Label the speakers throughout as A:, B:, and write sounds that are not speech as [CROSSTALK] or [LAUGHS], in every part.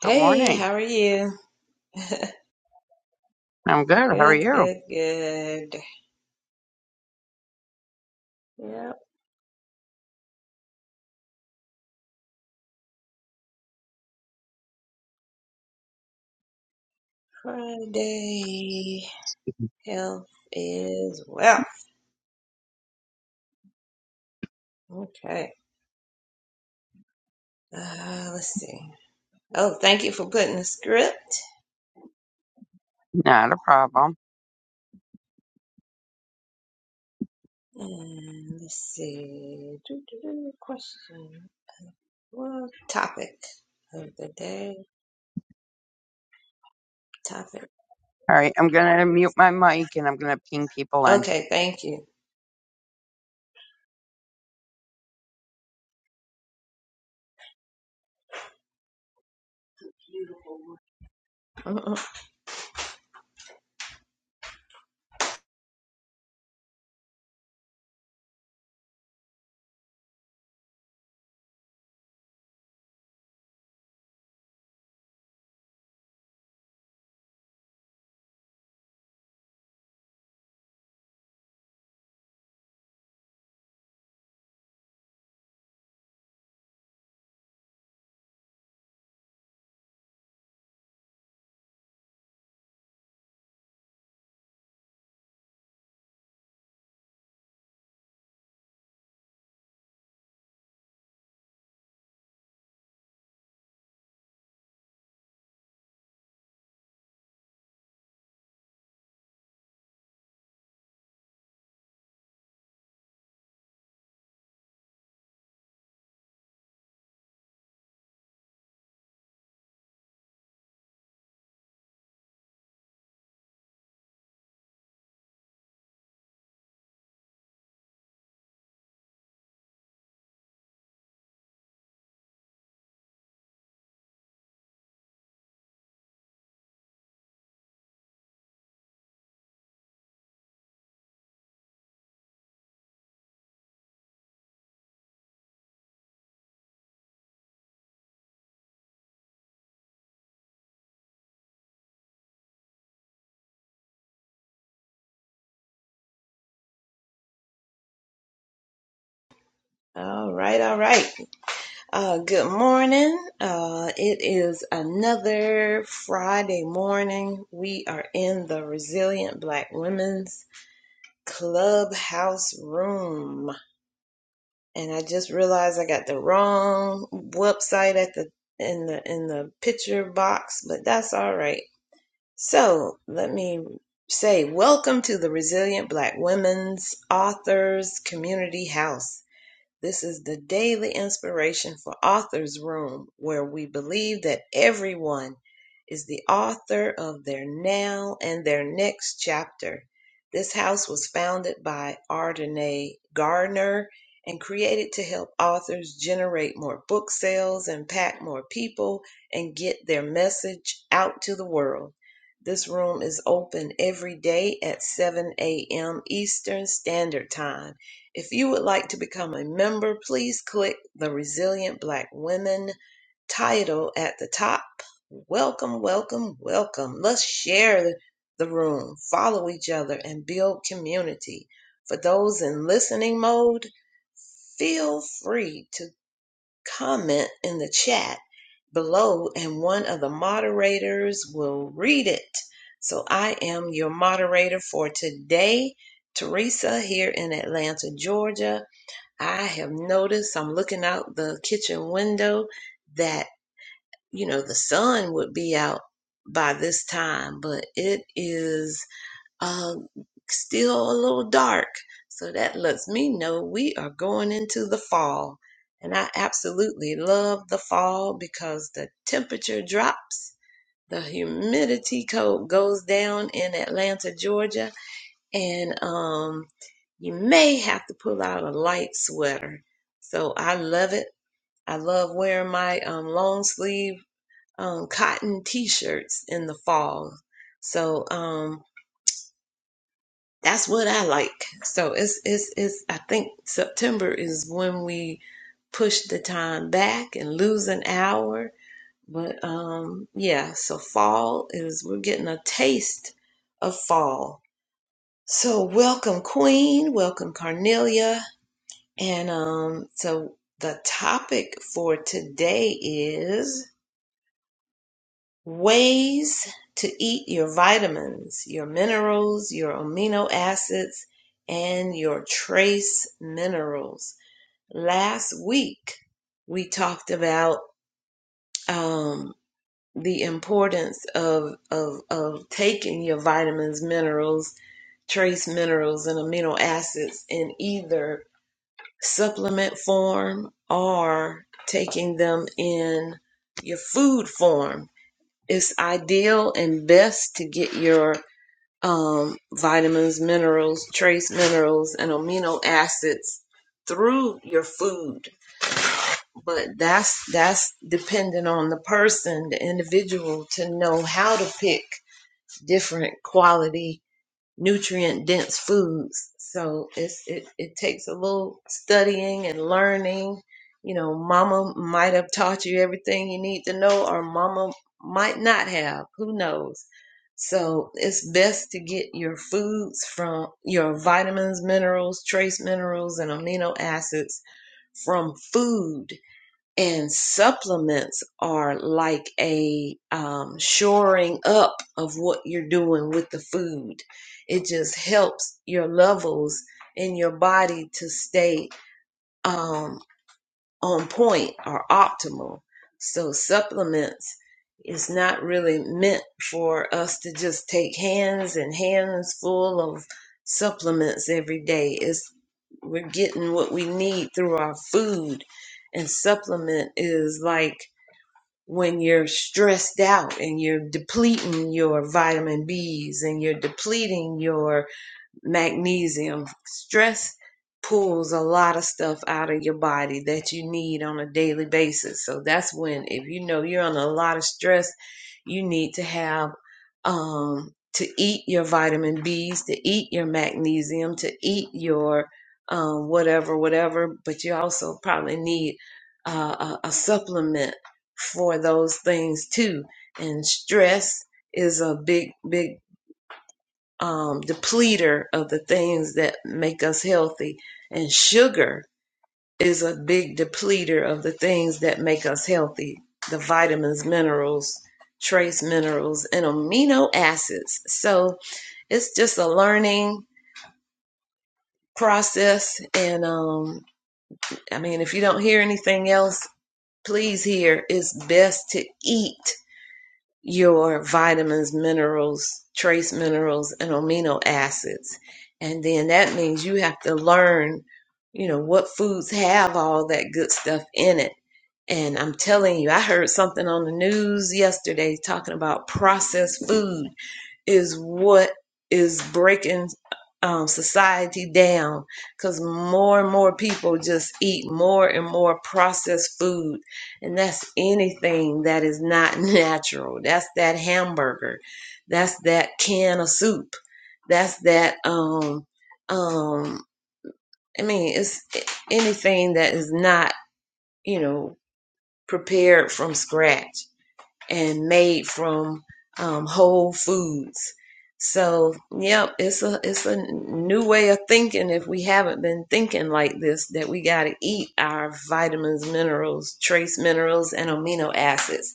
A: Good
B: Hey,
A: morning.
B: how are you?
A: I'm good. How are
B: Good,
A: you?
B: good, good. Yep, Friday. Health is wealth. Okay. Uh, let's see. Oh, thank you for putting the script.
A: Not a problem.
B: And let's see. Doo-doo-doo, Question. What topic of the day? Topic.
A: All right. I'm going to mute my mic and I'm going to ping people in.
B: Okay, thank you. [LAUGHS] All right, all right. Uh, good morning. Uh, it is another Friday morning. We are in the Resilient Black Women's Clubhouse room, and I just realized I got the wrong website at the in the in the picture box, but that's all right. So let me say welcome to the Resilient Black Women's Authors Community House. This is the daily inspiration for Author's Room, where we believe that everyone is the author of their now and their next chapter. This house was founded by Ardenae Gardner and created to help authors generate more book sales, impact more people, and get their message out to the world. This room is open every day at 7 a.m. Eastern Standard Time. If you would like to become a member, please click the Resilient Black Women title at the top. Welcome, welcome, welcome. Let's share the room, follow each other, and build community. For those in listening mode, feel free to comment in the chat below, and one of the moderators will read it. So I am your moderator for today, Teresa, here in Atlanta, Georgia. I have noticed, I'm looking out the kitchen window that, you know, the sun would be out by this time, but it is uh, still a little dark. So that lets me know we are going into the fall. And I absolutely love the fall because the temperature drops, the humidity coat goes down in Atlanta, Georgia and um, you may have to pull out a light sweater. So I love it. I love wearing my um, long sleeve um, cotton t-shirts in the fall. So um, that's what I like. So it's it's it's. I think September is when we push the time back and lose an hour. But um, yeah, so fall is we're getting a taste of fall. So welcome, Queen. Welcome, Carnelia. And um, so the topic for today is ways to eat your vitamins, your minerals, your amino acids, and your trace minerals. Last week, we talked about um, the importance of, of, of taking your vitamins, minerals, trace minerals, and amino acids in either supplement form or taking them in your food form. It's ideal and best to get your um, vitamins, minerals, trace minerals, and amino acids through your food. But that's that's dependent on the person, the individual, to know how to pick different quality nutrient dense foods. So it's it, it takes a little studying and learning. You know, mama might have taught you everything you need to know or mama might not have. Who knows? So it's best to get your foods from your vitamins, minerals, trace minerals, and amino acids from food and supplements are like a um, shoring up of what you're doing with the food. It just helps your levels in your body to stay um, on point or optimal. So supplements is not really meant for us to just take hands and hands full of supplements every day. It's we're getting what we need through our food. And supplement is like when you're stressed out and you're depleting your vitamin B's and you're depleting your magnesium. Stress pulls a lot of stuff out of your body that you need on a daily basis. So that's when, if you know you're under a lot of stress, you need to have um, to eat your vitamin Bs, to eat your magnesium, to eat your um, whatever, whatever. But you also probably need uh, a, a supplement for those things too. And stress is a big, big um, depleter of the things that make us healthy. And sugar is a big depleter of the things that make us healthy the vitamins, minerals, trace minerals, and amino acids. So it's just a learning process. And um, I mean, if you don't hear anything else, please hear it's best to eat your vitamins, minerals, trace minerals, and amino acids. And then that means you have to learn, you know, what foods have all that good stuff in it. And I'm telling you, I heard something on the news yesterday talking about processed food is what is breaking um, society down because more and more people just eat more and more processed food. And that's anything that is not [LAUGHS] natural. That's that hamburger. That's that can of soup. That's that, um, um, I mean, it's anything that is not, you know, prepared from scratch and made from um, whole foods. So, yep, it's a it's a new way of thinking if we haven't been thinking like this that we got to eat our vitamins, minerals, trace minerals and amino acids.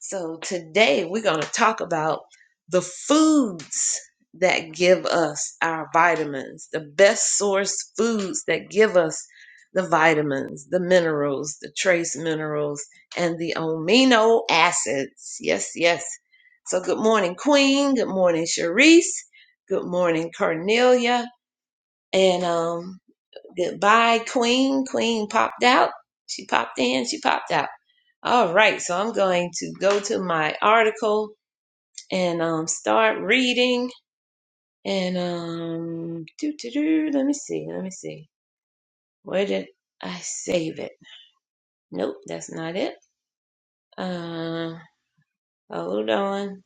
B: So, today we're going to talk about the foods that give us our vitamins, the best source foods that give us the vitamins, the minerals, the trace minerals, and the amino acids. Yes, yes. So good morning, Queen. Good morning, Sharice. Good morning, Cornelia. And um, goodbye, Queen. Queen popped out. She popped in. She popped out. All right. So I'm going to go to my article and um, start reading. And um, doo doo doo. Let me see. Let me see. Where did I save it? Nope, that's not it. Um, Hold on.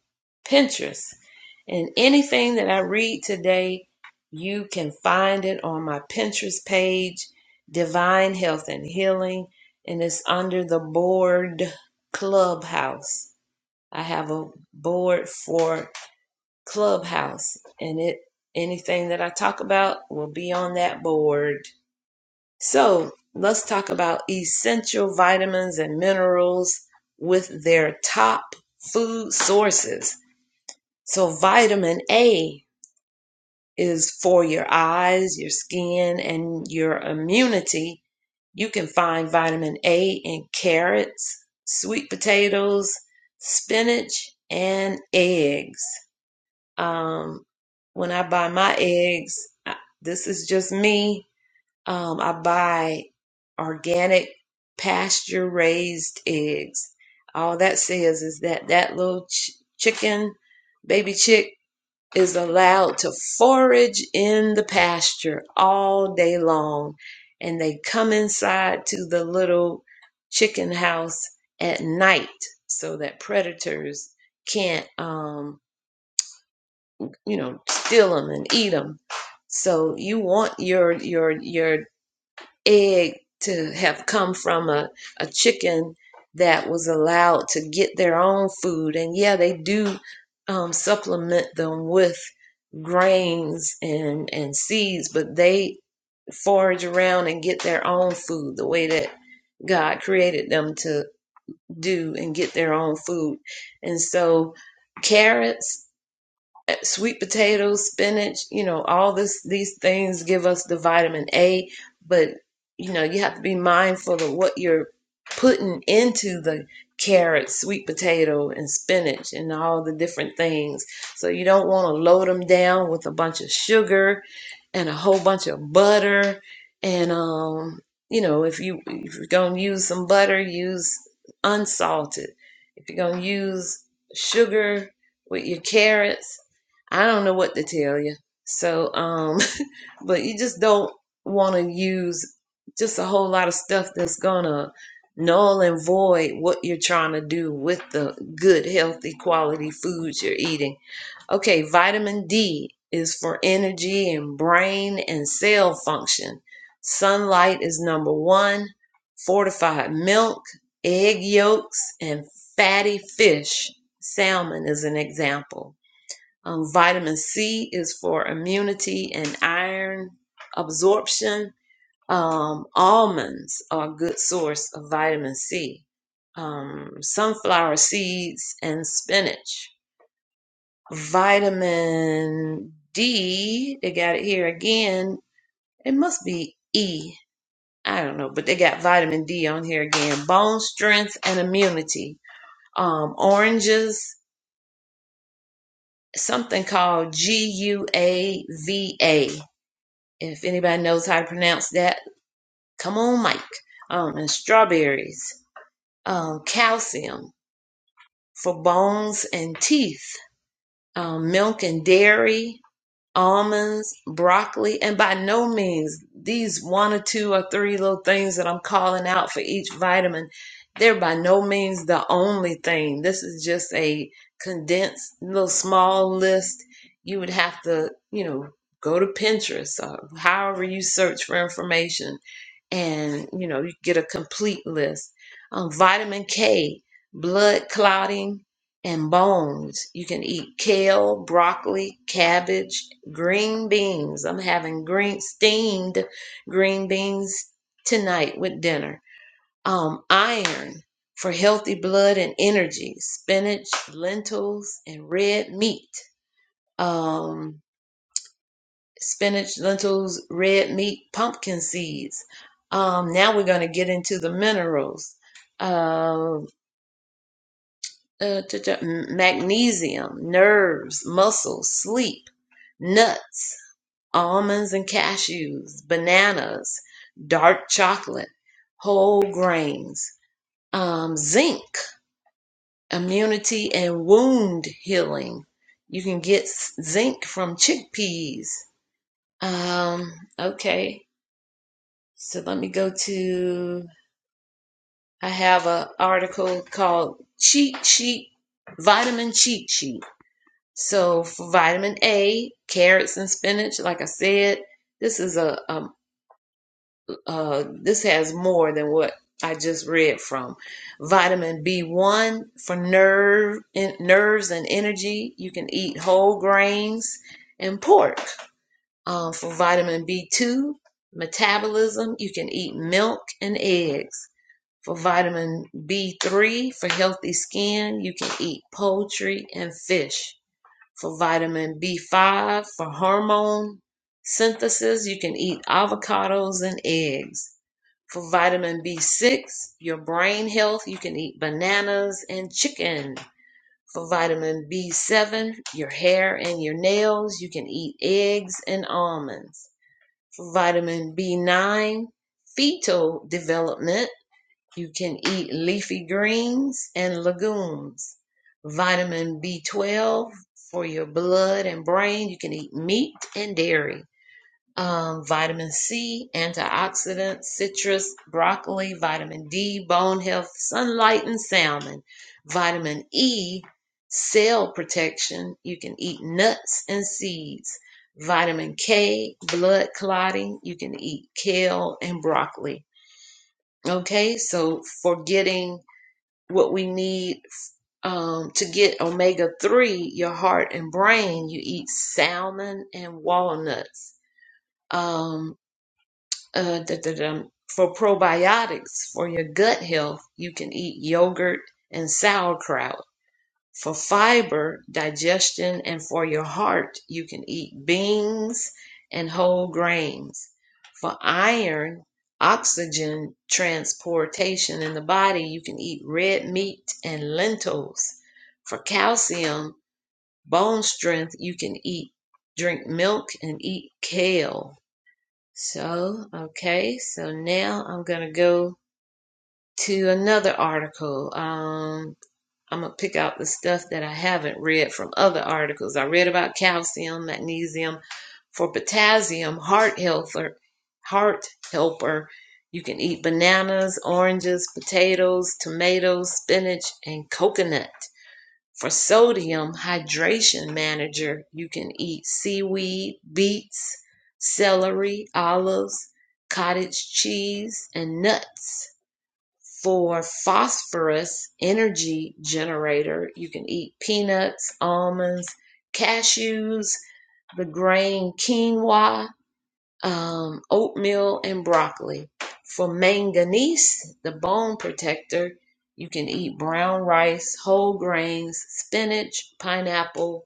B: Pinterest. And anything that I read today, you can find it on my Pinterest page, Divine Health and Healing, and it's under the board Clubhouse. I have a board for Clubhouse, and it anything that I talk about will be on that board. So, let's talk about essential vitamins and minerals with their top food sources. So vitamin A is for your eyes, your skin, and your immunity. You can find vitamin A in carrots, sweet potatoes, spinach, and eggs. Um, when I buy my eggs, I, this is just me. Um, I buy organic pasture raised eggs. All that says is that that little ch- chicken, baby chick is allowed to forage in the pasture all day long. And they come inside to the little chicken house at night so that predators can't, um, you know, steal them and eat them. So you want your your your egg to have come from a, a chicken that was allowed to get their own food. And yeah, they do um, supplement them with grains and, and seeds, but they forage around and get their own food the way that God created them to do and get their own food. And so, carrots eh, sweet potatoes, spinach, you know, all this these things give us the vitamin A, but you know, you have to be mindful of what you're putting into the carrot, sweet potato and spinach and all the different things. So you don't want to load them down with a bunch of sugar and a whole bunch of butter and um you know, if you if you're going to use some butter, use unsalted. If you're going to use sugar with your carrots, I don't know what to tell you. So, um, [LAUGHS] but you just don't want to use just a whole lot of stuff that's gonna null and void what you're trying to do with the good, healthy, quality foods you're eating. Okay, vitamin D is for energy and brain and cell function. Sunlight is number one. Fortified milk, egg yolks, and fatty fish. Salmon is an example. Um, vitamin C is for immunity and iron absorption. Um, almonds are a good source of vitamin C. Um, sunflower seeds and spinach. Vitamin D, they got it here again. It must be E. I don't know, but they got vitamin D on here again. Bone strength and immunity. Um, oranges, something called G U A V A if anybody knows how to pronounce that, come on, Mike. Um, and strawberries, um, calcium for bones and teeth, um, milk and dairy, almonds, broccoli, and by no means these one or two or three little things that I'm calling out for each vitamin, they're by no means the only thing. This is just a condensed little small list. You would have to, you know, go to Pinterest or however you search for information and, you know, you get a complete list. Um, vitamin K, blood clotting, and bones. You can eat kale, broccoli, cabbage, green beans. I'm having green steamed green beans tonight with dinner. Um, iron for healthy blood and energy. Spinach, lentils, and red meat. Um, spinach, lentils, red meat, pumpkin seeds. Um, now we're going to get into the minerals. Uh, uh, t- t- magnesium, nerves, muscles, sleep, nuts almonds and cashews, bananas, dark chocolate, whole grains, um, zinc, immunity and wound healing. You can get s- zinc from chickpeas. Um, okay, so let me go to. I have an article called Cheat Sheet, Vitamin Cheat Sheet. So for vitamin A, carrots and spinach, like I said, this is a, a uh, this has more than what I just read from. Vitamin B1 for nerve in, nerves and energy. You can eat whole grains and pork. Uh, for vitamin B2, metabolism, you can eat milk and eggs. For vitamin B3, for healthy skin, you can eat poultry and fish. For vitamin B5, for hormone synthesis, you can eat avocados and eggs for vitamin B6, your brain health, you can eat bananas and chicken. For vitamin B7, your hair and your nails, you can eat eggs and almonds. For vitamin B9, fetal development, you can eat leafy greens and legumes. Vitamin B12, for your blood and brain, you can eat meat and dairy um, vitamin C, antioxidants, citrus, broccoli, vitamin D, bone health, sunlight, and salmon. Vitamin E, cell protection. You can eat nuts and seeds. Vitamin K, blood clotting. You can eat kale and broccoli. Okay, so for getting what we need um, to get omega 3, your heart and brain, you eat salmon and walnuts. Um, uh, da, da, da, for probiotics for your gut health, you can eat yogurt and sauerkraut. For fiber, digestion, and for your heart, you can eat beans and whole grains. For iron, oxygen transportation in the body, you can eat red meat and lentils. For calcium, bone strength, you can eat, drink milk and eat kale so, okay, so now I'm gonna go to another article. Um, I'm gonna pick out the stuff that I haven't read from other articles. I read about calcium, magnesium, for potassium, heart helper, heart helper. You can eat bananas, oranges, potatoes, tomatoes, spinach, and coconut. For sodium hydration manager, you can eat seaweed, beets, celery, olives, cottage cheese, and nuts. For phosphorus energy generator, you can eat peanuts, almonds, cashews, the grain quinoa, um, oatmeal and broccoli. For manganese, the bone protector, you can eat brown rice, whole grains, spinach, pineapple,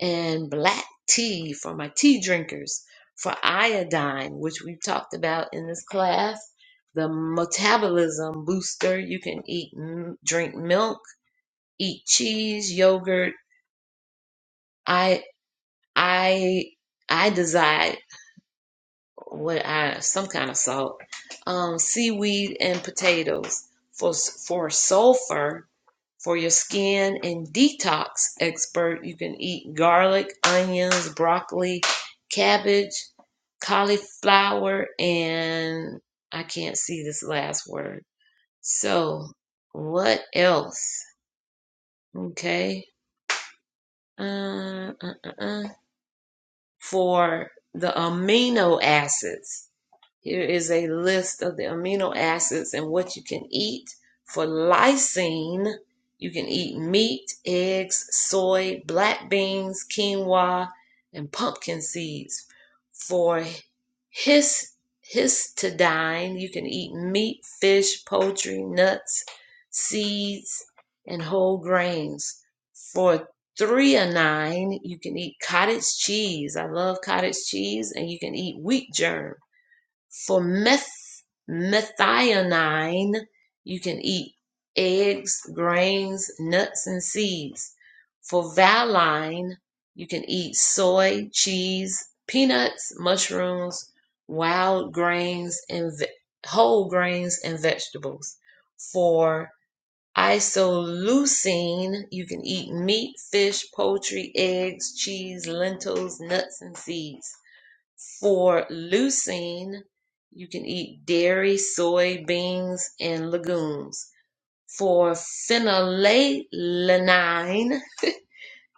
B: and black tea for my tea drinkers. For iodine, which we've talked about in this class, the metabolism booster, you can eat, drink milk, eat cheese, yogurt, I, I, I desire. what I some kind of salt, um, seaweed and potatoes for for sulfur for your skin and detox expert. You can eat garlic, onions, broccoli, cabbage, cauliflower, and I can't see this last word. So what else? Okay, uh, uh, uh, uh. for the amino acids. Here is a list of the amino acids and what you can eat. For lysine, you can eat meat, eggs, soy, black beans, quinoa, and pumpkin seeds. For his, histidine, you can eat meat, fish, poultry, nuts, seeds, and whole grains. For threonine, you can eat cottage cheese. I love cottage cheese, and you can eat wheat germ for meth- methionine, you can eat eggs, grains, nuts, and seeds. For valine, you can eat soy, cheese, peanuts, mushrooms, wild grains, and ve- whole grains and vegetables. For isoleucine, you can eat meat, fish, poultry, eggs, cheese, lentils, nuts, and seeds for leucine, you can eat dairy, soy, beans, and legumes. For phenylalanine,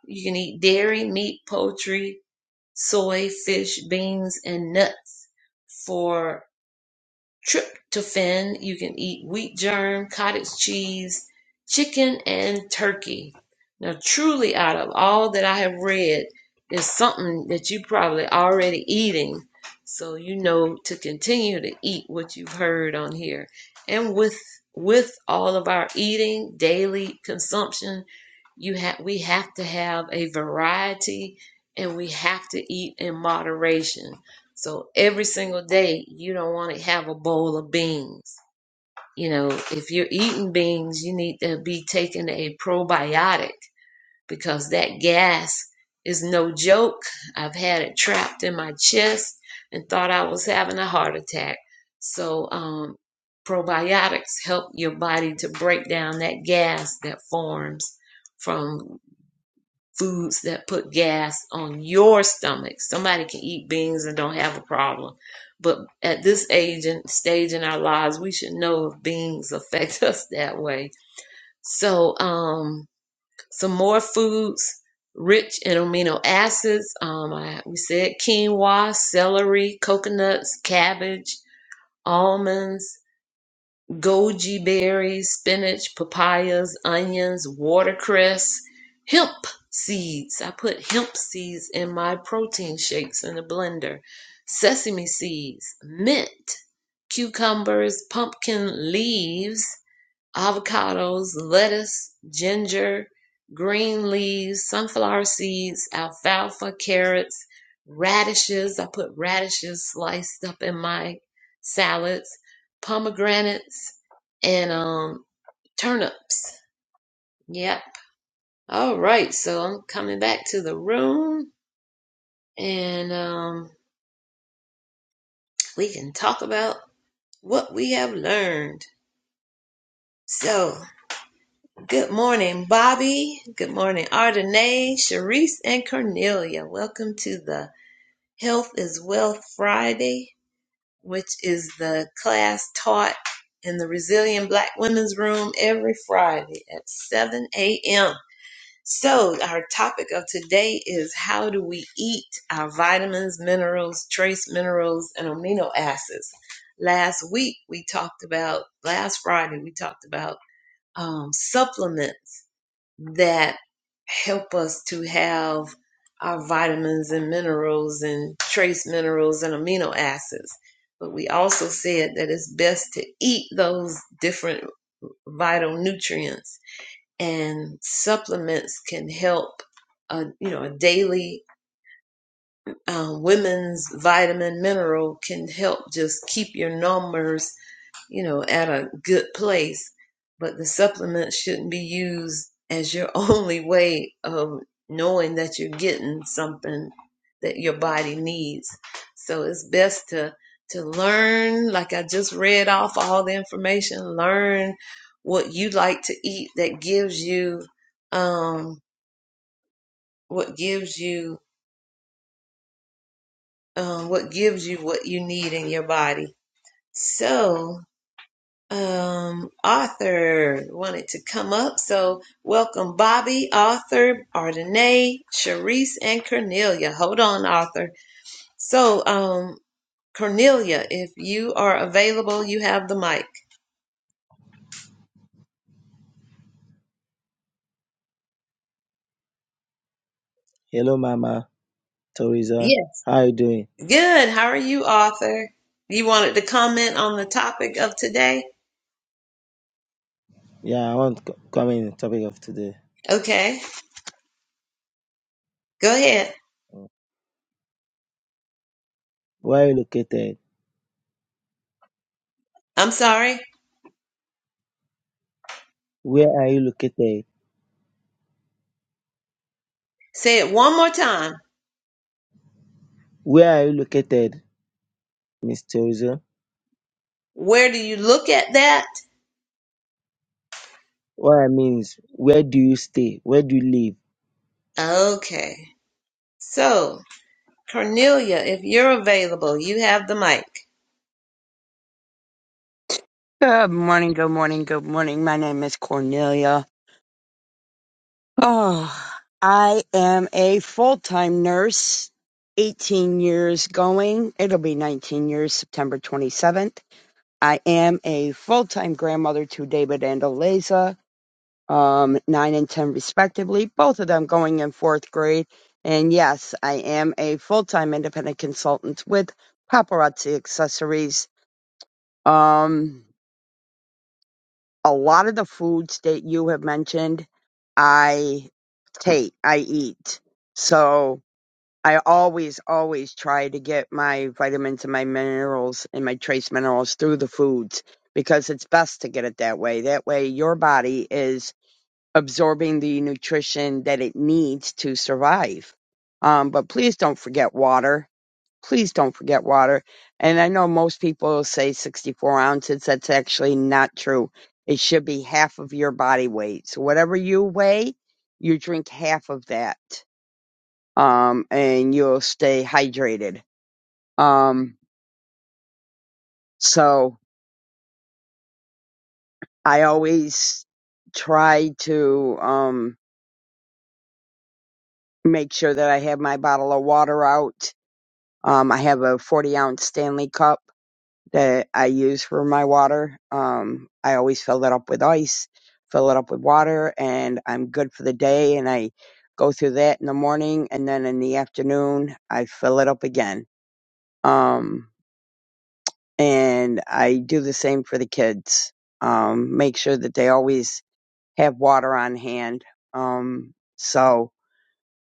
B: you can eat dairy, meat, poultry, soy, fish, beans, and nuts. For tryptophan, you can eat wheat germ, cottage cheese, chicken, and turkey. Now, truly, out of all that I have read, is something that you probably already eating. So you know to continue to eat what you've heard on here. And with with all of our eating, daily consumption, you have we have to have a variety and we have to eat in moderation so every single day, you don't want to have a bowl of beans. You know, if you're eating beans, you need to be taking a probiotic because that gas is no joke. I've had it trapped in my chest and thought I was having a heart attack. So, um, probiotics help your body to break down that gas that forms from foods that put gas on your stomach. Somebody can eat beans and don't have a problem. But at this age and stage in our lives, we should know if beans affect [LAUGHS] us that way. So, um, some more foods rich in amino acids. Um, I, we said quinoa, celery, coconuts, cabbage, almonds goji berries, spinach, papayas, onions, watercress, hemp seeds. I put hemp seeds in my protein shakes in the blender, sesame seeds, mint, cucumbers, pumpkin leaves avocados, lettuce, ginger, green leaves, sunflower seeds, alfalfa, carrots, radishes. I put radishes sliced up in my salads, pomegranates, and um, turnips. Yep. All right. So I'm coming back to the room and um, we can talk about what we have learned. So. Good morning, Bobby. Good morning, Ardenae, Sharice, and Cornelia. Welcome to the Health is Wealth Friday, which is the class taught in the Resilient Black Women's Room every Friday at 7 a.m. So, our topic of today is how do we eat our vitamins, minerals, trace minerals, and amino acids? Last week, we talked about, last Friday, we talked about um, supplements that help us to have our vitamins and minerals and trace minerals and amino acids. But we also said that it's best to eat those different vital nutrients and supplements can help. A, you know, a daily uh, women's vitamin mineral can help just keep your numbers you know, at a good place, but the supplement shouldn't be used as your [LAUGHS] only way of knowing that you're getting something that your body needs. So it's best to to learn, like I just read off all the information, learn what you like to eat that gives you um what gives you um what gives you what you need in your body. So um, Arthur wanted to come up. So welcome Bobby, Arthur, Ardenae, Sharice, and Cornelia. Hold on, Arthur. So, um, Cornelia, if you are available, you have the mic.
C: Hello, Mama Teresa.
B: Yeah.
C: How are you doing?
B: Good. How are you, Arthur? You wanted to comment on the topic of today?
C: Yeah, I want to co- comment on the topic of today.
B: Okay. Go ahead.
C: Where are you located?
B: I'm sorry.
C: Where are you located?
B: Say it one more time.
C: Where are you located, Miss Teresa?
B: Where do you look at that?
C: What I mean is, where do you stay? Where do you live?
B: Okay. So Cornelia, if you're available, you have the mic.
A: Good morning. Good morning. Good morning. My name is Cornelia. Oh, I am a full time nurse, 18 years going. It'll be 19 years, September 27th. I am a full time grandmother to David and Eliza. um, nine and ten respectively, both of them going in fourth grade. And yes, I am a full-time independent consultant with paparazzi accessories. Um, a lot of the foods that you have mentioned, I take, I eat. So I always, always try to get my vitamins and my minerals and my trace minerals through the foods because it's best to get it that way. That way your body is absorbing the nutrition that it needs to survive. Um, but please don't forget water. Please don't forget water. And I know most people say 64 ounces. That's actually not true. It should be half of your body weight. So whatever you weigh, you drink half of that. Um, and you'll stay hydrated. Um, so I always try to, um, make sure that I have my bottle of water out Um, I have a 40 ounce Stanley cup that I use for my water. Um, I always fill it up with ice, fill it up with water, and I'm good for the day. And I go through that in the morning, and then in the afternoon, I fill it up again. Um, and I do the same for the kids. Um, make sure that they always have water on hand. Um, so,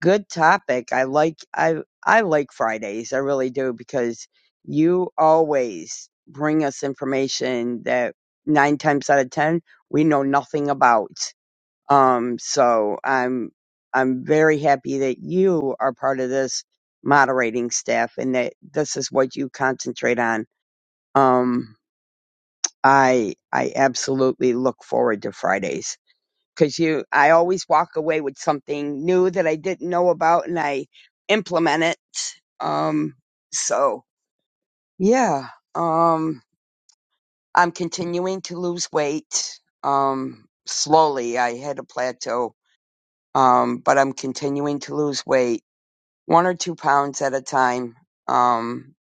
A: good topic. I like I I like Fridays. I really do because you always bring us information that 9 times out of 10 we know nothing about. Um so I'm I'm very happy that you are part of this moderating staff and that this is what you concentrate on. Um I I absolutely look forward to Fridays because you I always walk away with something new that I didn't know about and I implement it. Um so yeah. Um I'm continuing to lose weight um slowly. I hit a plateau. Um but I'm continuing to lose weight, one or two pounds at a time. Um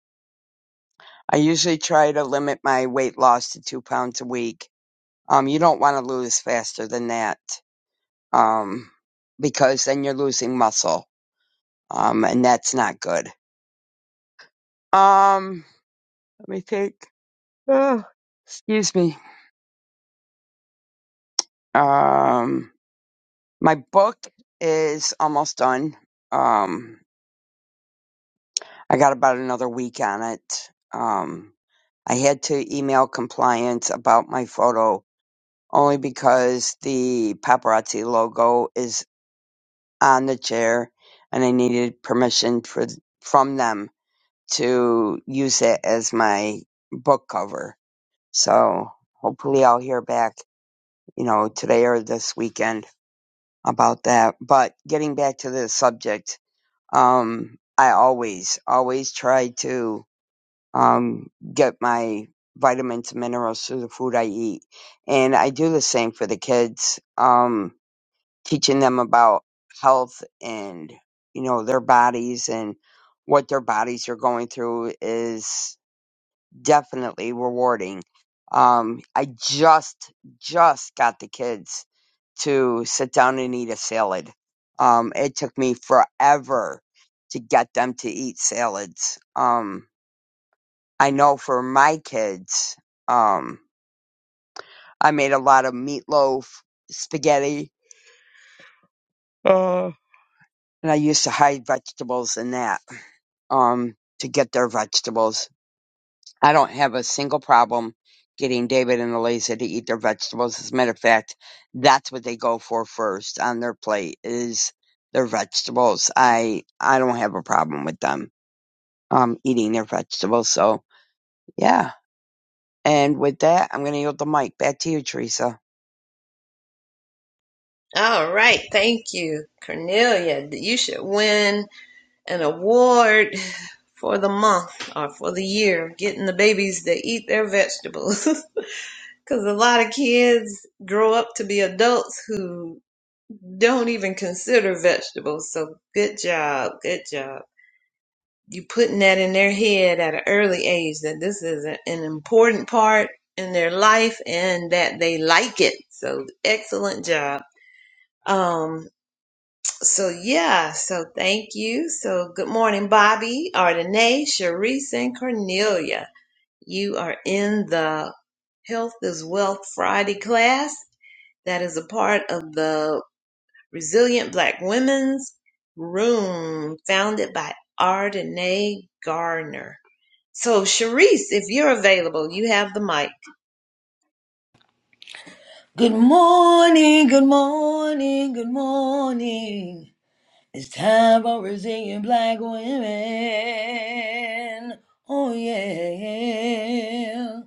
A: I usually try to limit my weight loss to two pounds a week. Um you don't want to lose faster than that. Um because then you're losing muscle Um, and that's not good. Um, let me think. Ugh, excuse me. Um, my book is almost done. Um, I got about another week on it. Um, I had to email compliance about my photo only because the paparazzi logo is on the chair and I needed permission for, from them to use it as my book cover So hopefully I'll hear back, you know, today or this weekend about that. But getting back to the subject, um, I always, always try to, um, get my vitamins and minerals through the food I eat. And I do the same for the kids, um, teaching them about health and, you know, their bodies and what their bodies are going through is definitely rewarding. Um, I just just got the kids to sit down and eat a salad. Um, it took me forever to get them to eat salads. Um, I know for my kids, um, I made a lot of meatloaf, spaghetti, uh, and I used to hide vegetables in that um, to get their vegetables I don't have a single problem getting David and Eliza to eat their vegetables. As a matter of fact, that's what they go for first on their plate is their vegetables. I I don't have a problem with them um eating their vegetables. So yeah. And with that, I'm gonna yield the mic back to you, Teresa.
B: All right, thank you, Cornelia. You should win an award [LAUGHS] for the month or for the year, getting the babies to eat their vegetables. [LAUGHS] Because a lot of kids grow up to be adults who don't even consider vegetables. So good job, good job. you putting that in their head at an early age that this is a- an important part in their life and that they like it. So excellent job. Um, so yeah, so thank you. So good morning, Bobby, Ardenae, Sharice, and Cornelia. You are in the Health is Wealth Friday class that is a part of the Resilient Black Women's Room founded by Ardenae Garner. So, Sharice, if you're available, you have the mic.
D: Good morning, good morning, good morning. It's time for Brazilian black women. Oh, yeah.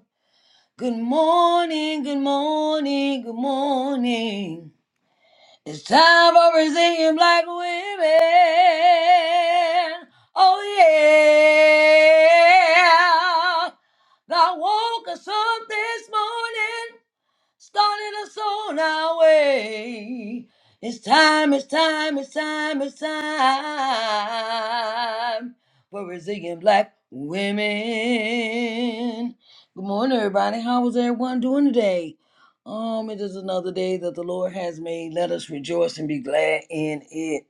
D: Good morning, good morning, good morning. It's time for Brazilian black women. Oh, yeah. God woke us up this morning starting us on our way. It's time, it's time, it's time, it's time for resilient black women. Good morning, everybody. How is everyone doing today? Um, it is another day that the Lord has made. Let us rejoice and be glad in it.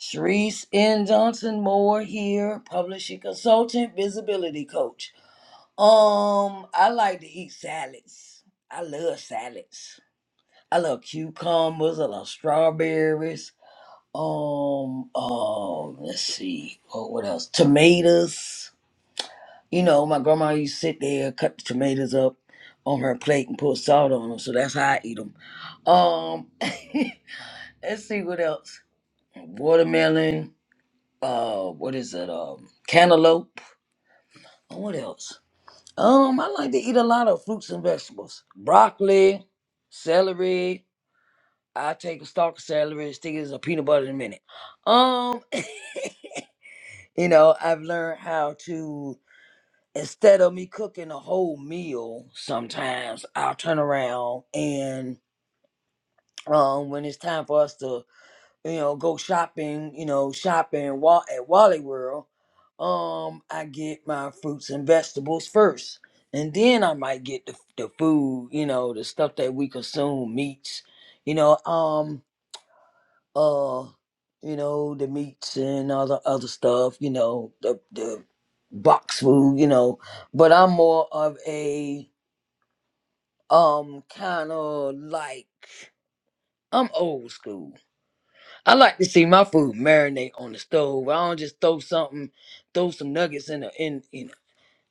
D: Sharice N. Johnson Moore here, publishing consultant, visibility coach. Um, I like to eat salads. I love salads. I love cucumbers. I love strawberries. Um, um, let's see. Oh, what else? Tomatoes. You know, my grandma used to sit there, cut the tomatoes up on her plate and put salt on them. So that's how I eat them. Um, [LAUGHS] let's see what else. Watermelon. Uh, what is it? Um, cantaloupe. What else? Um, I like to eat a lot of fruits and vegetables. Broccoli, celery. I take a stalk of celery, and stick it as a peanut butter in a minute. Um, you know, I've learned how to instead of me cooking a whole meal, sometimes I'll turn around and um when it's time for us to you know, go shopping, you know, shopping wa- at Wally World, um, I get my fruits and vegetables first. And then I might get the, the food, you know, the stuff that we consume, meats, you know, um, uh, you know, the meats and other other stuff, you know, the the box food, you know. But I'm more of a um kind of like I'm old school. I like to see my food marinate on the stove. I don't just throw something, throw some nuggets in the in you know.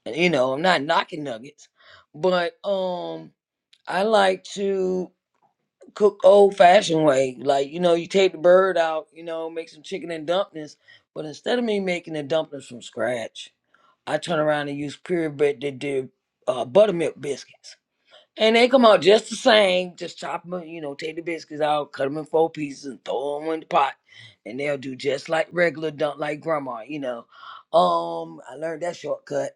D: and, You know, I'm not knocking nuggets, but um, I like to cook old fashioned way. Like you know, you take the bird out, you know, make some chicken and dumplings. But instead of me making the dumplings from scratch, I turn around and use purebred that did uh, buttermilk biscuits and they come out just the same. Just chop them, you know, take the biscuits out, cut them in four pieces, and throw them in the pot. And they'll do just like regular Dunk like grandma, you know. Um, I learned that shortcut.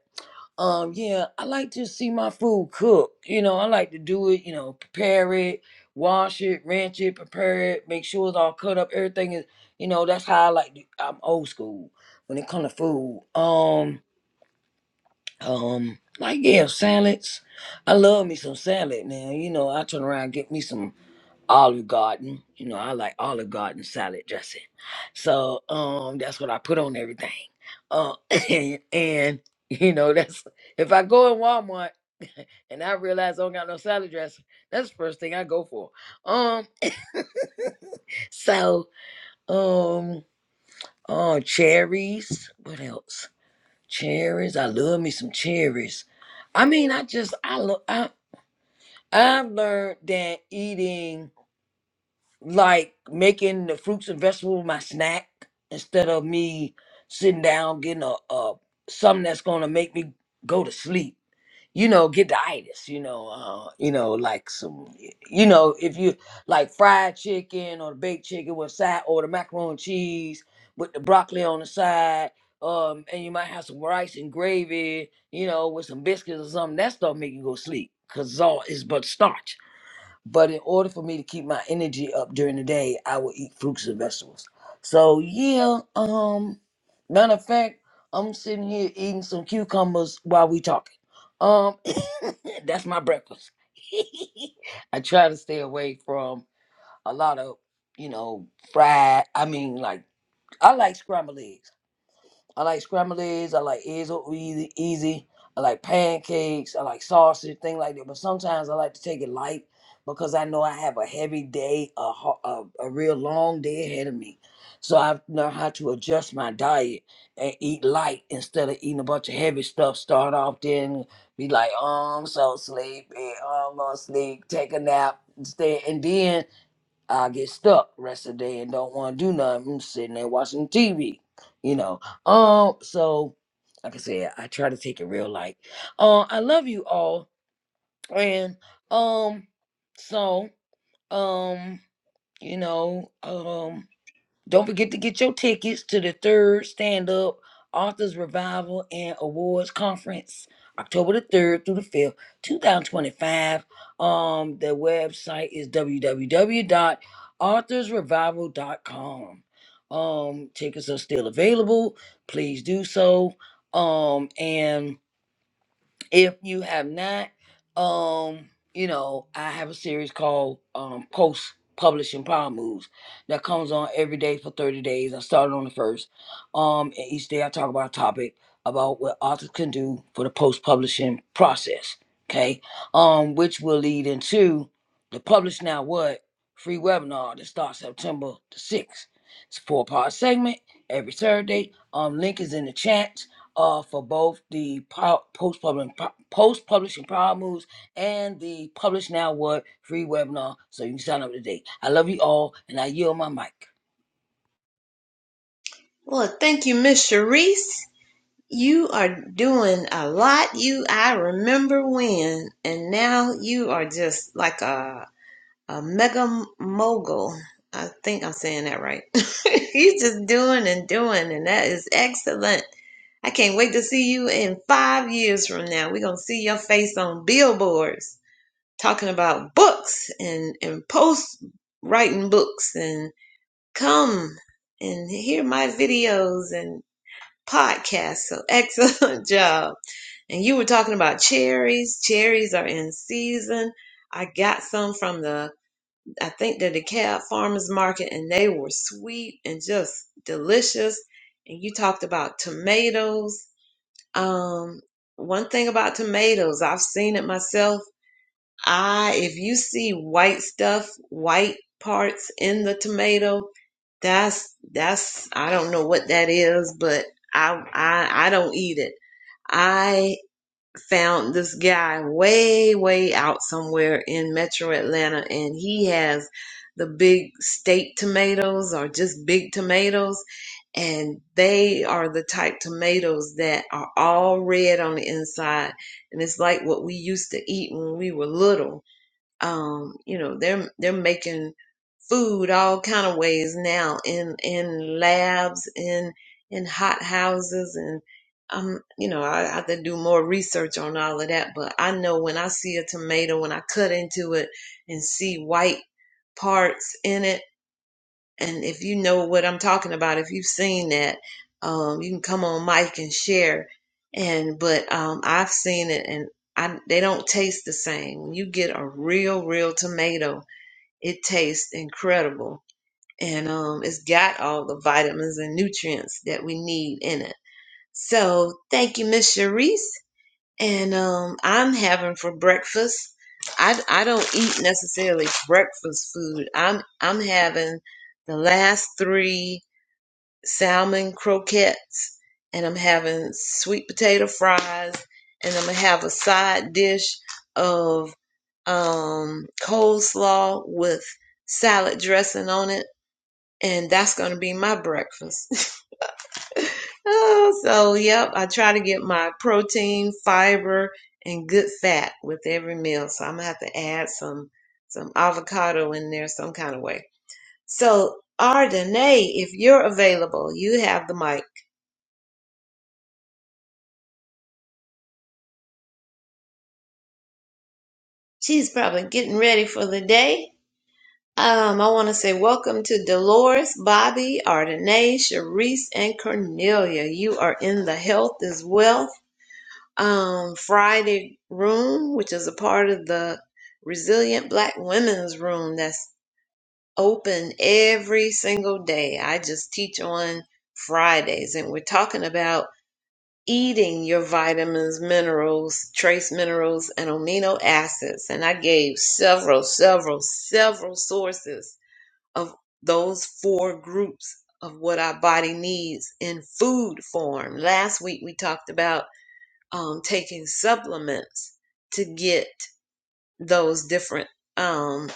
D: Um, yeah, I like to see my food cook. You know, I like to do it, you know, prepare it, wash it, rinse it, prepare it, make sure it's all cut up. Everything is, you know, that's how I like to, I'm old school when it comes to food. Um, um, like yeah, salads. I love me some salad now. You know, I turn around and get me some Olive Garden. You know, I like Olive Garden salad dressing. So um that's what I put on everything. Uh [LAUGHS] and, and you know, that's if I go in Walmart [LAUGHS] and I realize I don't got no salad dressing, that's the first thing I go for. Um [LAUGHS] so um oh cherries. What else? Cherries. I love me some cherries. I mean, I just I love I I've learned that eating like making the fruits and vegetables my snack instead of me sitting down getting a, a something that's gonna make me go to sleep you know, get the itis, you know, uh, you know, like some, you know, if you like fried chicken or the baked chicken with side or the macaroni and cheese with the broccoli on the side, um, and you might have some rice and gravy, you know, with some biscuits or something. That stuff make you go sleep because it's all it's but starch. But in order for me to keep my energy up during the day, I will eat fruits and vegetables. So yeah, um, matter of fact, I'm sitting here eating some cucumbers while we talking. Um, [COUGHS] that's my breakfast. [LAUGHS] I try to stay away from a lot of, you know, fried. I mean, like I like scrambled eggs. I like scrambled eggs. I like eggs over easy. easy. I like pancakes. I like sausage, thing like that. But sometimes I like to take it light because I know I have a heavy day, a ho- a, a real long day ahead of me. So I've learned how to adjust my diet and eat light instead of eating a bunch of heavy stuff. Start off then be like, oh, I'm so sleepy. Oh, I'm gonna sleep. Take a nap. Stay, and then I get stuck rest of the day and don't want to do nothing. I'm sitting there watching TV, you know. Um, so like I said, I try to take it real light. Um, I love you all, and um, so um, you know, um. Don't forget to get your tickets to the third Stand Up Authors Revival and Awards Conference, October the 3rd through the 5th, 2025. Um, the website is www.authorsrevival.com. Um, tickets are still available. Please do so. Um, and if you have not um you know i have a series called um post publishing power moves that comes on every day for 30 days i started on the first um and each day i talk about a topic about what authors can do for the post publishing process okay um which will lead into the publish now what free webinar that starts september the 6th it's a four part segment every thursday um link is in the chat uh, for both the post publishing post publishing power moves and the publish now what free webinar, so you can sign up today. I love you all, and I yield my mic.
B: Well, thank you, Miss Sharice. You are doing a lot. You, I remember when, and now you are just like a a mega mogul. I think I'm saying that right. [LAUGHS] You're just doing and doing, and that is excellent. I can't wait to see you in five years from now. We're gonna see your face on billboards talking about books and and post writing books and. come and hear my videos and podcasts. So [LAUGHS] excellent job. And you were talking about cherries. Cherries are in season. I got some from the, I think the DeKalb Farmers Market and they were sweet and just delicious. And you talked about tomatoes. Um, one thing about tomatoes, I've seen it myself I, if you see white stuff, white parts in the tomato, that's that's I don't know what that is, but I I I don't eat it. I found this guy way way out somewhere in Metro Atlanta, and he has the big state tomatoes or just big tomatoes, and they are the type tomatoes that are all red on the inside, and it's like what we used to eat when we were little um, you know they're they're making food all kind of ways now in in labs in in hot houses and um you know I, I have to do more research on all of that but I know when I see a tomato when I cut into it and see white parts in it and if you know what I'm talking about, if you've seen that, um, you can come on mic and share. And but um, I've seen it, and I, they don't taste the same. When you get a real, real tomato, it tastes incredible, and um, it's got all the vitamins and nutrients that we need in it. So thank you, Miss Sharice and um, I'm having for breakfast. I, I don't eat necessarily breakfast food. I'm I'm having the last three salmon croquettes, and I'm having sweet potato fries, and I'm gonna have a side dish of um, coleslaw with salad dressing on it, and that's gonna be my breakfast. [LAUGHS] [LAUGHS] Oh, so yep, I try to get my protein, fiber, and good fat with every meal. So I'm gonna have to add some some avocado in there some kind of way. So Ardenae, if you're available, you have the mic. She's probably getting ready for the day. Um, I want to say welcome to Dolores, Bobby, Ardenae, Sharice, and Cornelia. You are in the health is wealth. um, Friday room, which is a part of the Resilient Black Women's Room that's open every single day. I just teach on Fridays, and we're talking about eating your vitamins, minerals, trace minerals, and amino acids. And I gave several, several, several sources of those four groups of what our body needs in food form. Last week we talked about um, taking supplements to get those different um,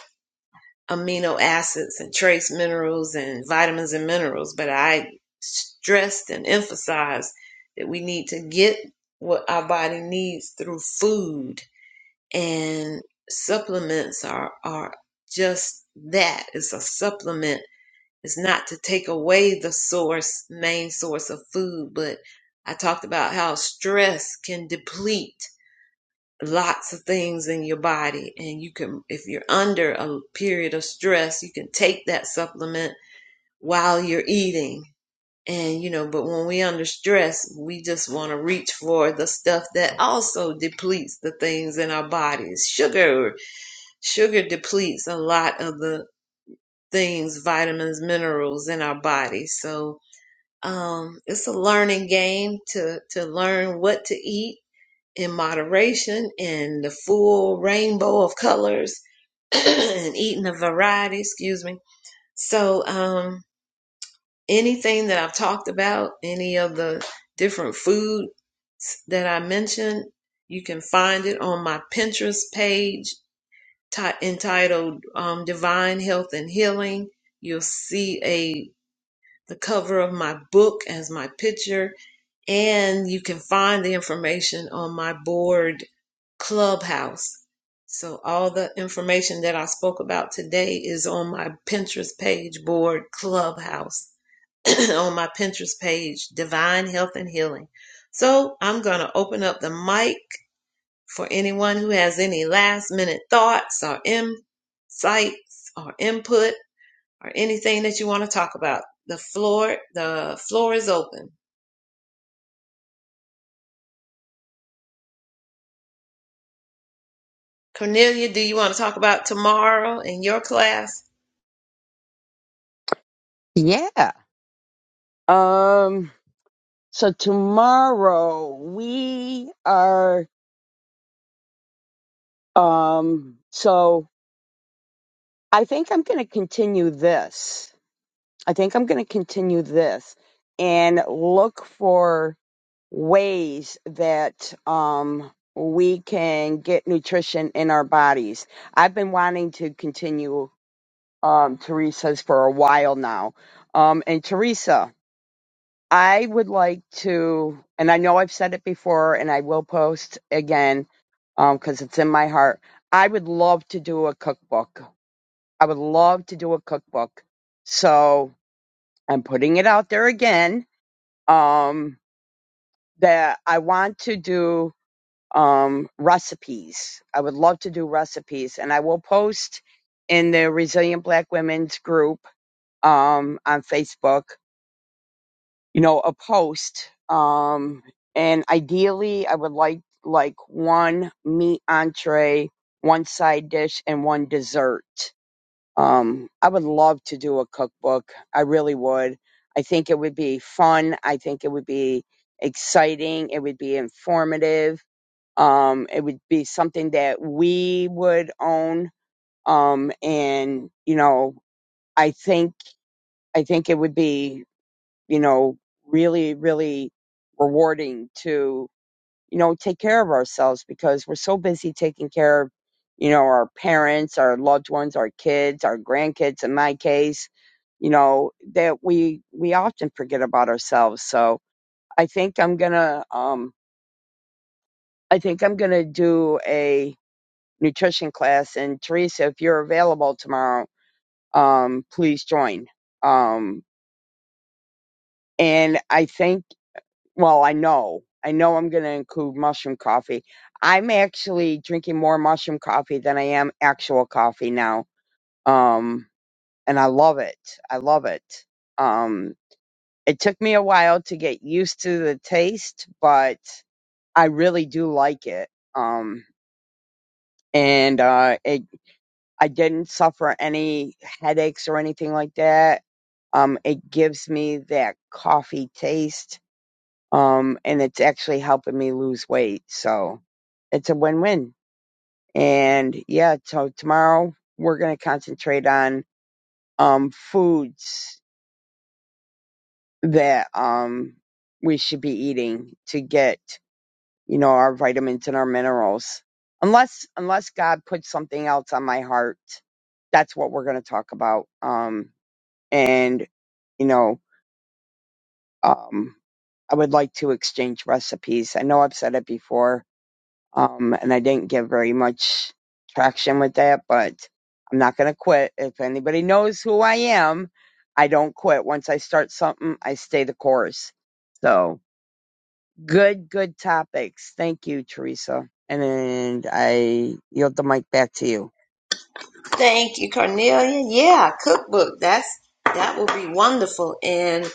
B: amino acids and trace minerals and vitamins and minerals. But I stressed and emphasized that we need to get what our body needs through food, and supplements are, are just that it's a supplement. It's not to take away the source, main source of food, but I talked about how stress can deplete lots of things in your body and you can if you're under a period of stress you can take that supplement while you're eating and you know but when we under stress we just want to reach for the stuff that also depletes the things in our bodies sugar sugar depletes a lot of the things vitamins minerals in our body so um it's a learning game to to learn what to eat in moderation and the full rainbow of colors [CLEARS THROAT] and eating a variety, excuse me. So, um, anything that I've talked about, any of the different foods that I mentioned, you can find it on my Pinterest page ti- entitled um, Divine Health and Healing. You'll see a the cover of my book as my picture, and you can find the information on my board Clubhouse. So all the information that I spoke about today is on my Pinterest page board, Clubhouse, [CLEARS THROAT] on my Pinterest page, Divine Health and Healing. So I'm going to open up the mic for anyone who has any last minute thoughts or insights or input or anything that you want to talk about. The floor, the floor is open. Cornelia, do you want to talk about tomorrow in your class?
A: Yeah. Um. So tomorrow we are. Um. So I think I'm gonna continue this. I think I'm going to continue this and look for ways that um, we can get nutrition in our bodies. I've been wanting to continue um, Teresa's for a while now. Um, and Teresa, I would like to, and I know I've said it before and I will post again because it's in my heart. I would love to do a cookbook. I would love to do a cookbook. So I'm putting it out there again um, that I want to do um, recipes. I would love to do recipes, and I will post in the Resilient Black Women's group um, on Facebook. You know, a post, um, and ideally, I would like like one meat entree, one side dish, and one dessert um, I would love to do a cookbook. I really would. I think it would be fun. I think it would be exciting. It would be informative. Um, it would be something that we would own. Um, and you know, I think I think it would be you know really really rewarding to you know, take care of ourselves because we're so busy taking care of, you know, our parents, our loved ones, our kids, our grandkids in my case, you know, that we we often forget about ourselves. So I think I'm gonna um I think I'm gonna do a nutrition class and Teresa, if you're available tomorrow, um, please join. Um and I think well, I know, I know I'm going to include mushroom coffee. I'm actually drinking more mushroom coffee than I am actual coffee now. Um, and I love it. I love it. Um, it took me a while to get used to the taste, but I really do like it. Um, and, uh, it, I didn't suffer any headaches or anything like that. Um, it gives me that coffee taste um, and it's actually helping me lose weight. So it's a win-win. And yeah, so tomorrow we're going to concentrate on um, foods that um, we should be eating to get, you know, our vitamins and our minerals. Unless, unless God puts something else on my heart, that's what we're going to talk about. Um, and you know, um, I would like to exchange recipes. I know I've said it before, Um, and I didn't get very much traction with that, but I'm not going to quit. If anybody knows who I am, I don't quit. Once I start something, I stay the course. So good, good topics. Thank you, Teresa. And I yield the mic back to you.
B: Thank you, Cornelia. Yeah, cookbook. That's that will be wonderful. And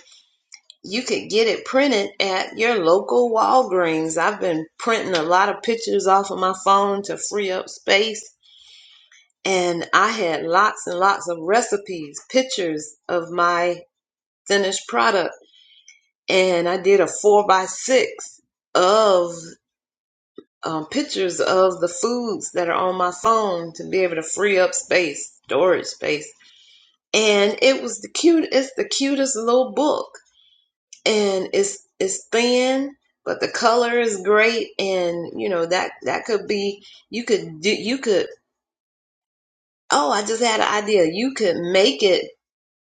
B: you could get it printed at your local Walgreens. I've been printing a lot of pictures off of my phone to free up space. And I had lots and lots of recipes, pictures of my finished product. And I did a four by six of um, pictures of the foods that are on my phone to be able to free up space, storage space and it was the cute it's the cutest little book and it's it's thin but the color is great and you know that that could be you could do you could oh i just had an idea you could make it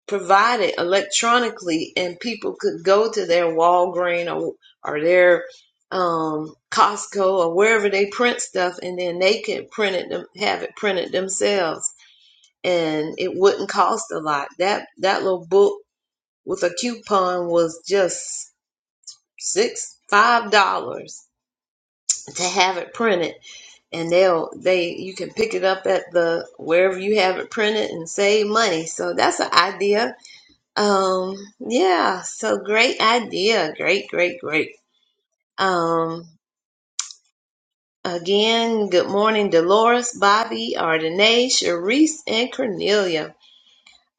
B: provide it electronically and people could go to their Walgreens or or their um costco or wherever they print stuff and then they could print it them have it printed themselves and it wouldn't cost a lot that that little book with a coupon was just six five dollars to have it printed and they'll they you can pick it up at the wherever you have it printed and save money so that's an idea um yeah so great idea great great great um again good morning dolores bobby ardenae Sharice, and cornelia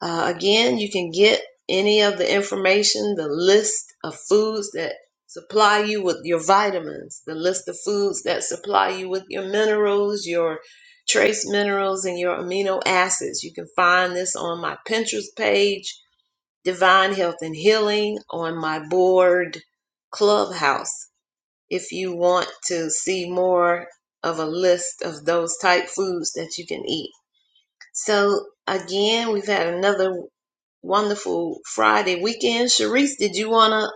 B: Uh, again, you can get any of the information, the list of foods that supply you with your vitamins, the list of foods that supply you with your minerals, your trace minerals, and your amino acids. You can find this on my Pinterest page, Divine Health and Healing, on my board, Clubhouse. If you want to see more of a list of those type foods that you can eat. So again, we've had another Wonderful Friday weekend. Sharice, did you want to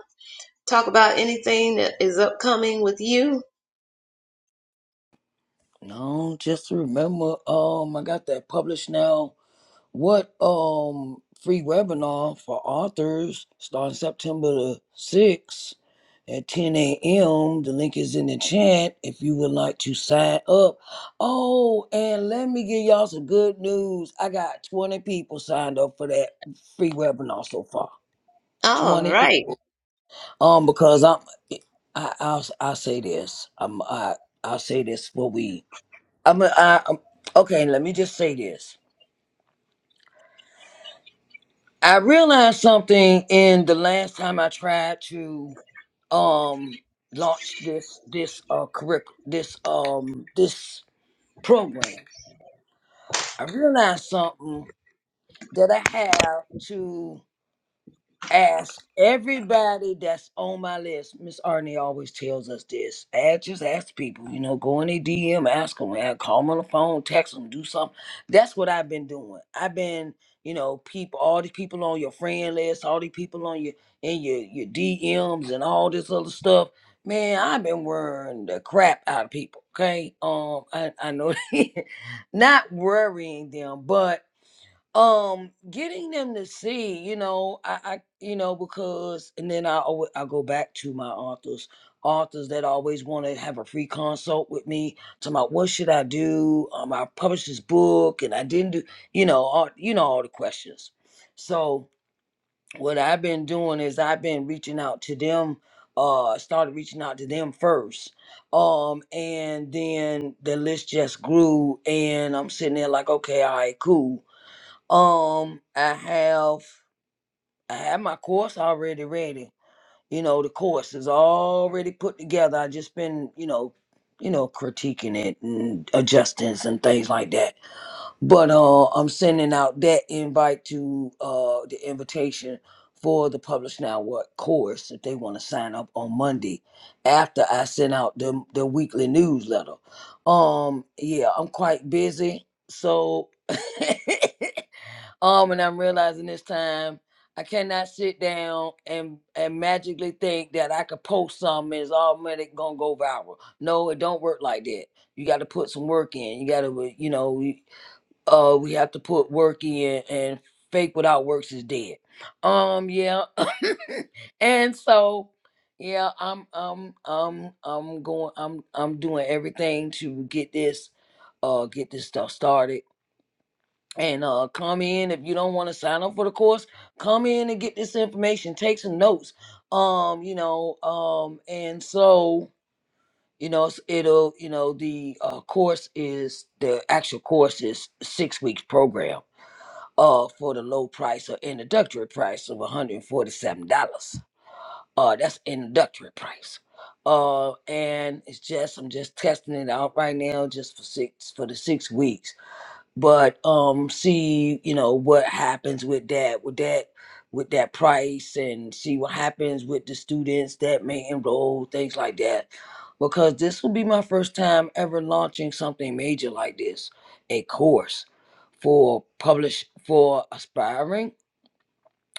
B: talk about anything that is upcoming with you?
D: No, just remember, um, I got that publish now What um free webinar for authors starting September the sixth at 10 a.m. The link is in the chat if you would like to sign up. Oh, and let me give y'all some good news. I got 20 people signed up for that free webinar so far.
B: All
D: 20
B: right.
D: people. Um, because I'm I I'll, I'll say this. I'm I I'll say this for we. I'm I, I'm okay. Let me just say this. I realized something in the last time I tried to um launch this this uh curriculum this um this program. I realized something that I have to ask everybody that's on my list. Miss Arnie always tells us this. Ask, just ask people, you know, go in their DM, ask them, call them on the phone, text them, do something. That's what I've been doing. I've been, you know, people, all the people on your friend list, all the people on your in your your DMs and all this other stuff. Man, I've been worrying the crap out of people. Okay, um, I I know [LAUGHS] not worrying them, but um getting them to see you know i, I you know because and then i always i go back to my authors authors that always want to have a free consult with me talking about what should i do um i published this book and i didn't do you know all you know all the questions so what i've been doing is i've been reaching out to them uh started reaching out to them first um and then the list just grew and i'm sitting there like okay all right cool um, I have I have my course already ready. You know, the course is already put together. I just been, you know, you know, critiquing it and adjusting and things like that. But uh I'm sending out that invite to uh the invitation for the Publish Now What course if they want to sign up on Monday after I send out the the weekly newsletter. Um yeah, I'm quite busy. So [LAUGHS] Um, and I'm realizing this time I cannot sit down and and magically think that I could post something and it's automatic gonna go viral. No, it don't work like that. You got to put some work in. You got to, you know, we, uh, we have to put work in, and fake without works is dead. Um, yeah, [LAUGHS] and so. Yeah, I'm I'm I'm I'm going I'm I'm doing everything to get this uh get this stuff started and uh, come in if you don't want to sign up for the course come in and get this information take some notes um you know um and so you know it's- it'll you know the uh, course is the actual course is six weeks program uh for the low price or introductory price of $147 uh that's introductory price uh and it's just i'm just testing it out right now just for six for the six weeks but um see you know what happens with that with that with that price and see what happens with the students that may enroll things like that because this will be my first time ever launching something major like this a course for publish for aspiring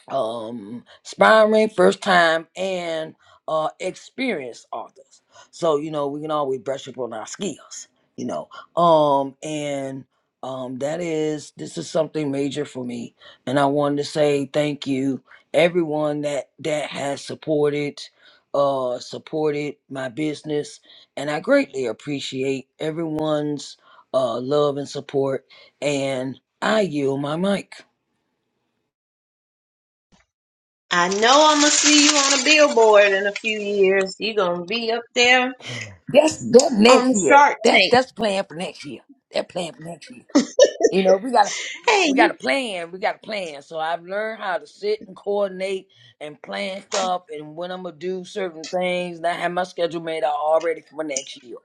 D: um aspiring first time and uh experienced authors so you know we can always brush up on our skills you know um and um that is this is something major for me and i wanted to say thank you everyone that that has supported uh supported my business and i greatly appreciate everyone's uh love and support and i yield my mic
B: I know I'm going to see you on a billboard in a few years. You're going to be up there
D: That's that
B: on
D: next
B: the
D: year.
B: Shark
D: That
B: Tank.
D: that's plan for next year. That plan for next year. You know, we gotta we gotta
B: Hey.
D: plan. We gotta plan. So I've learned how to sit and coordinate and plan stuff and when I'm gonna do certain things. And I have my schedule made out already for next year.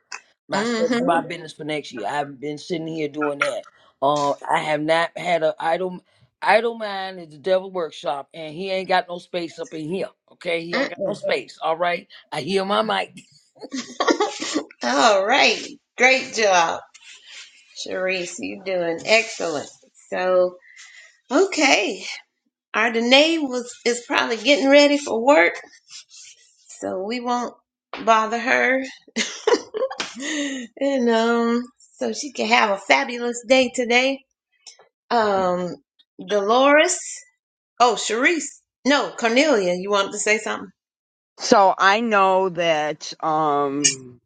D: My schedule, my
B: Mm-hmm.
D: business for next year. I've been sitting here doing that. Uh, I have not had a idle idle mind is the devil workshop, and he ain't got no space up in here. Okay, he don't got no
B: Mm-mm.
D: space. All right, I hear my mic. [LAUGHS]
B: [LAUGHS] All right. Great job, Sharice. You're doing excellent. So, okay. Our Danae was, is probably getting ready for work, so we won't bother her and um, so she can have a fabulous day today. Um, Dolores. Oh, Sharice. No, Cornelia. You wanted to say something?
A: So I know that, um,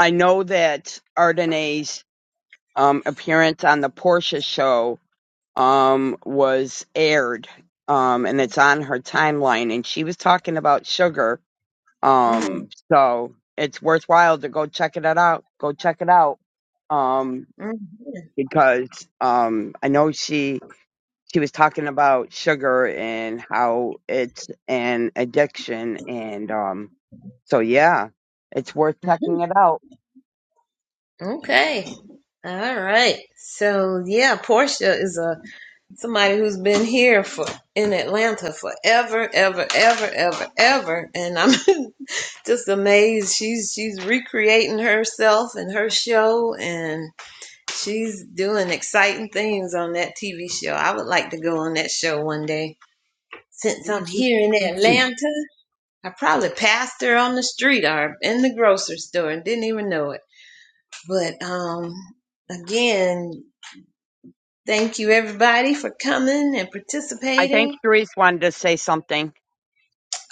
A: I know that Ardenae's, um, appearance on the Porsche show um was aired um and it's on her timeline and she was talking about sugar
B: hmm
A: um so it's worthwhile to go check it out go check it out um because um I know she she was talking about sugar and how it's an addiction and um so yeah it's worth checking it out
B: Okay. All right. So yeah, Portia is a somebody who's been here for in Atlanta forever, ever, ever, ever, ever, and I'm [LAUGHS] just amazed. She's she's recreating herself and her show, and. She's doing exciting things on that TV show. I would like to go on that show one day. Since
D: Me
B: I'm
D: too.
B: here
D: Me
B: in
D: too.
B: Atlanta, I probably passed her on the street or in the grocery store and didn't even know it. But um again, thank you everybody for coming and
A: I think
B: participating.
A: Therese wanted to say something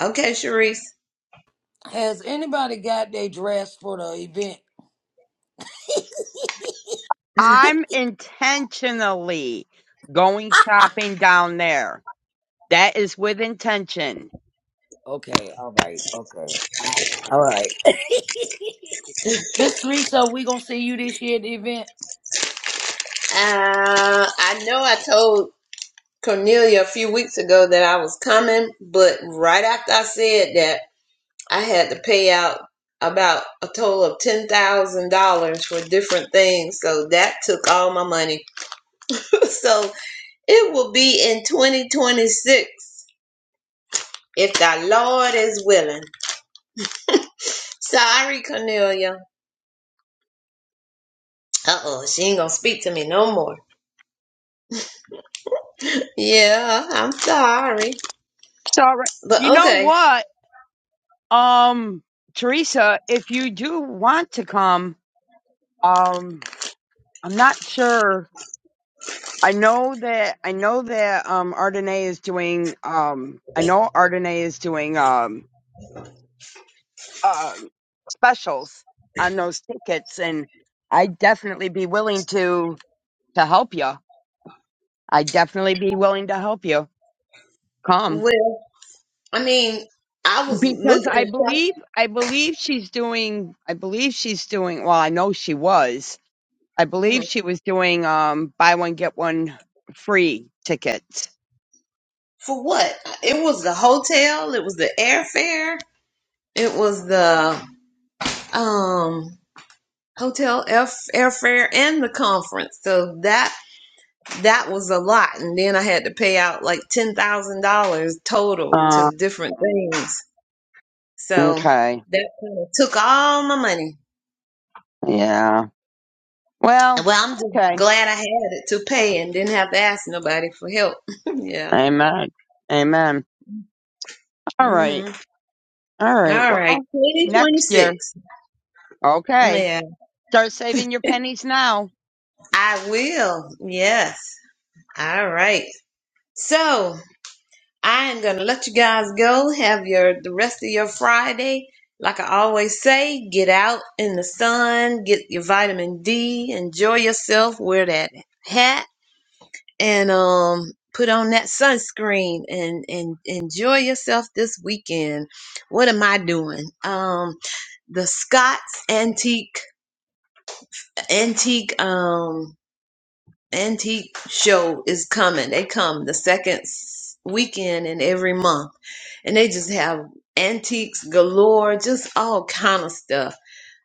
B: Okay, Sharice.
D: Has anybody got their dress for the event?
A: I'm intentionally going shopping down there. That is with intention.
D: Okay, all right, okay, I, all right. [LAUGHS] Miss Teresa, we gonna see you this year at the event.
B: Uh, I know I told Cornelia a few weeks ago that I was coming, but right after I said that, I had to pay out about a total of ten thousand dollars for different things. So that took all my money. [LAUGHS] so it will be in 2026 if the Lord is willing. Sorry, Cornelia. Uh oh, she ain't gonna speak to me no more. Yeah, I'm sorry,
A: Sorry.
B: but
A: You know
B: okay.
A: what? Um, Teresa, if you do want to come, um, I'm not sure. I know that I know that um Ardenae is doing um I know Ardenae is doing um uh specials on those tickets and I'd definitely be willing to to help you. I'd definitely be willing to help you. come
B: Well, I mean, I was
A: because I
B: looking
A: believe I believe she's doing I believe she's doing well I know she was I believe
B: Mhm.
A: she was doing um buy one get one free tickets.
B: for what? It was the hotel. It was the airfare. It was the um. hotel air airfare and the conference so that that was a lot and then i had to pay out like $10000 total
A: Uh,
B: to different things so
A: okay.
B: that kind of took all my money
A: Yeah. Well,
B: well i'm just
A: okay.
B: glad i had it to pay and didn't have to ask nobody for help [LAUGHS] yeah
A: Amen. Amen. All right.
B: Mm-hmm.
A: All
B: hmm
A: right.
B: all right
A: Well, next year.
B: 2026
A: Okay.
B: yeah
A: Start saving your pennies now.
B: i will yes all right so I am gonna let you guys go. Have your the rest of your Friday. Like I always say, get out in the sun, get your vitamin D, enjoy yourself, wear that hat, and um put on that sunscreen and and enjoy yourself this weekend. What am I doing? Um the Scott's antique antique um antique show is coming. They come the second s- weekend in every month, and they just have antiques galore, just all kind of stuff.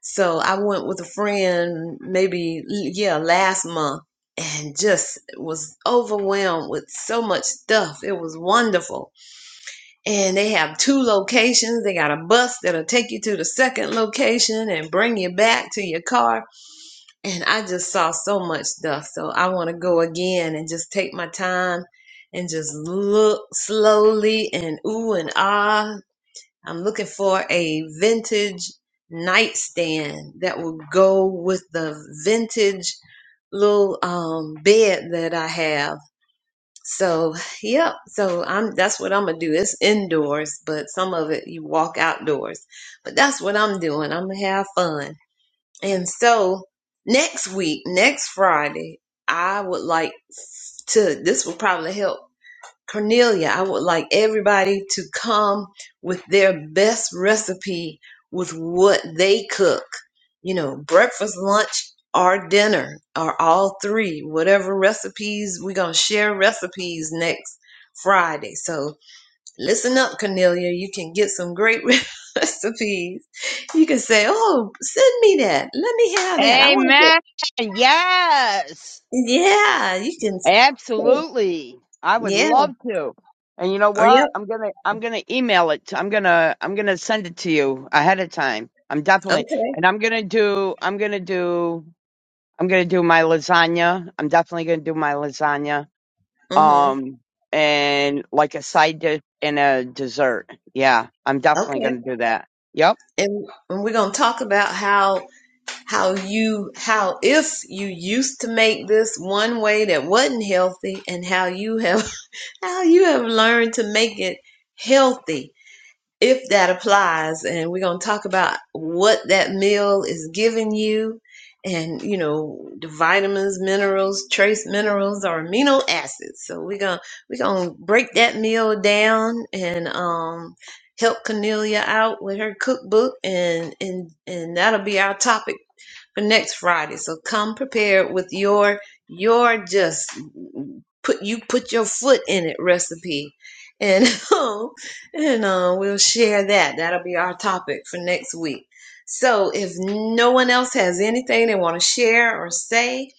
B: So I went with a friend, maybe yeah, last month, and just was overwhelmed with so much stuff. It was wonderful, and they have two locations. They got a bus that'll take you to the second location and bring you back to your car and I just saw so much stuff. So I want to go again and just take my time and just look slowly and ooh and ah. I'm looking for a vintage nightstand that will go with the vintage little um bed that I have. So yep, so I'm that's what I'm gonna do. It's indoors, but some of it you walk outdoors. But that's what I'm doing. I'm gonna have fun. And so next week, next Friday, I would like to, this will probably help Cornelia. I would like everybody to come with their best recipe with what they cook, you know, breakfast, lunch, or dinner, or all three, whatever recipes. We're going to share recipes next Friday. So, Listen up, Cornelia. You can get some great [LAUGHS] recipes. You can say, "Oh, send me that. Let me have that. I want to."
A: Amen. Yes.
B: Yeah, you can. s- say-
A: Absolutely. I would
B: Yeah.
A: love to. And you know
B: Oh,
A: what?
B: yep.
A: I'm gonna I'm gonna email it. to- I'm gonna I'm gonna send it to you ahead of time. I'm definitely
B: Okay.
A: and I'm gonna do I'm gonna do I'm gonna do my lasagna. I'm definitely gonna do my lasagna.
B: Mhm.
A: Um and like a side dish and a dessert. Yeah, I'm definitely
B: Okay.
A: gonna do that. Yep.
B: And, and we're gonna talk about how how you how if you used to make this one way that wasn't healthy, and how you have [LAUGHS] how you have learned to make it healthy if that applies and we're going to talk about what that meal is giving you and you know the vitamins minerals trace minerals or amino acids so we're going to we're going to break that meal down and um help cornelia out with her cookbook and and and that'll be our topic for next Friday. So come prepared with your your just put you put your foot in it recipe. And [LAUGHS] um, and uh, we'll share that. That'll be our topic for next week. So if no one else has anything they want to share or say,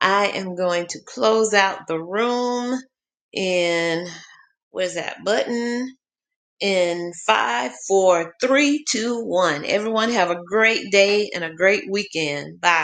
B: I am going to close out the room in where's that button? In five, four, three, two, one. Everyone have a great day and a great weekend. Bye.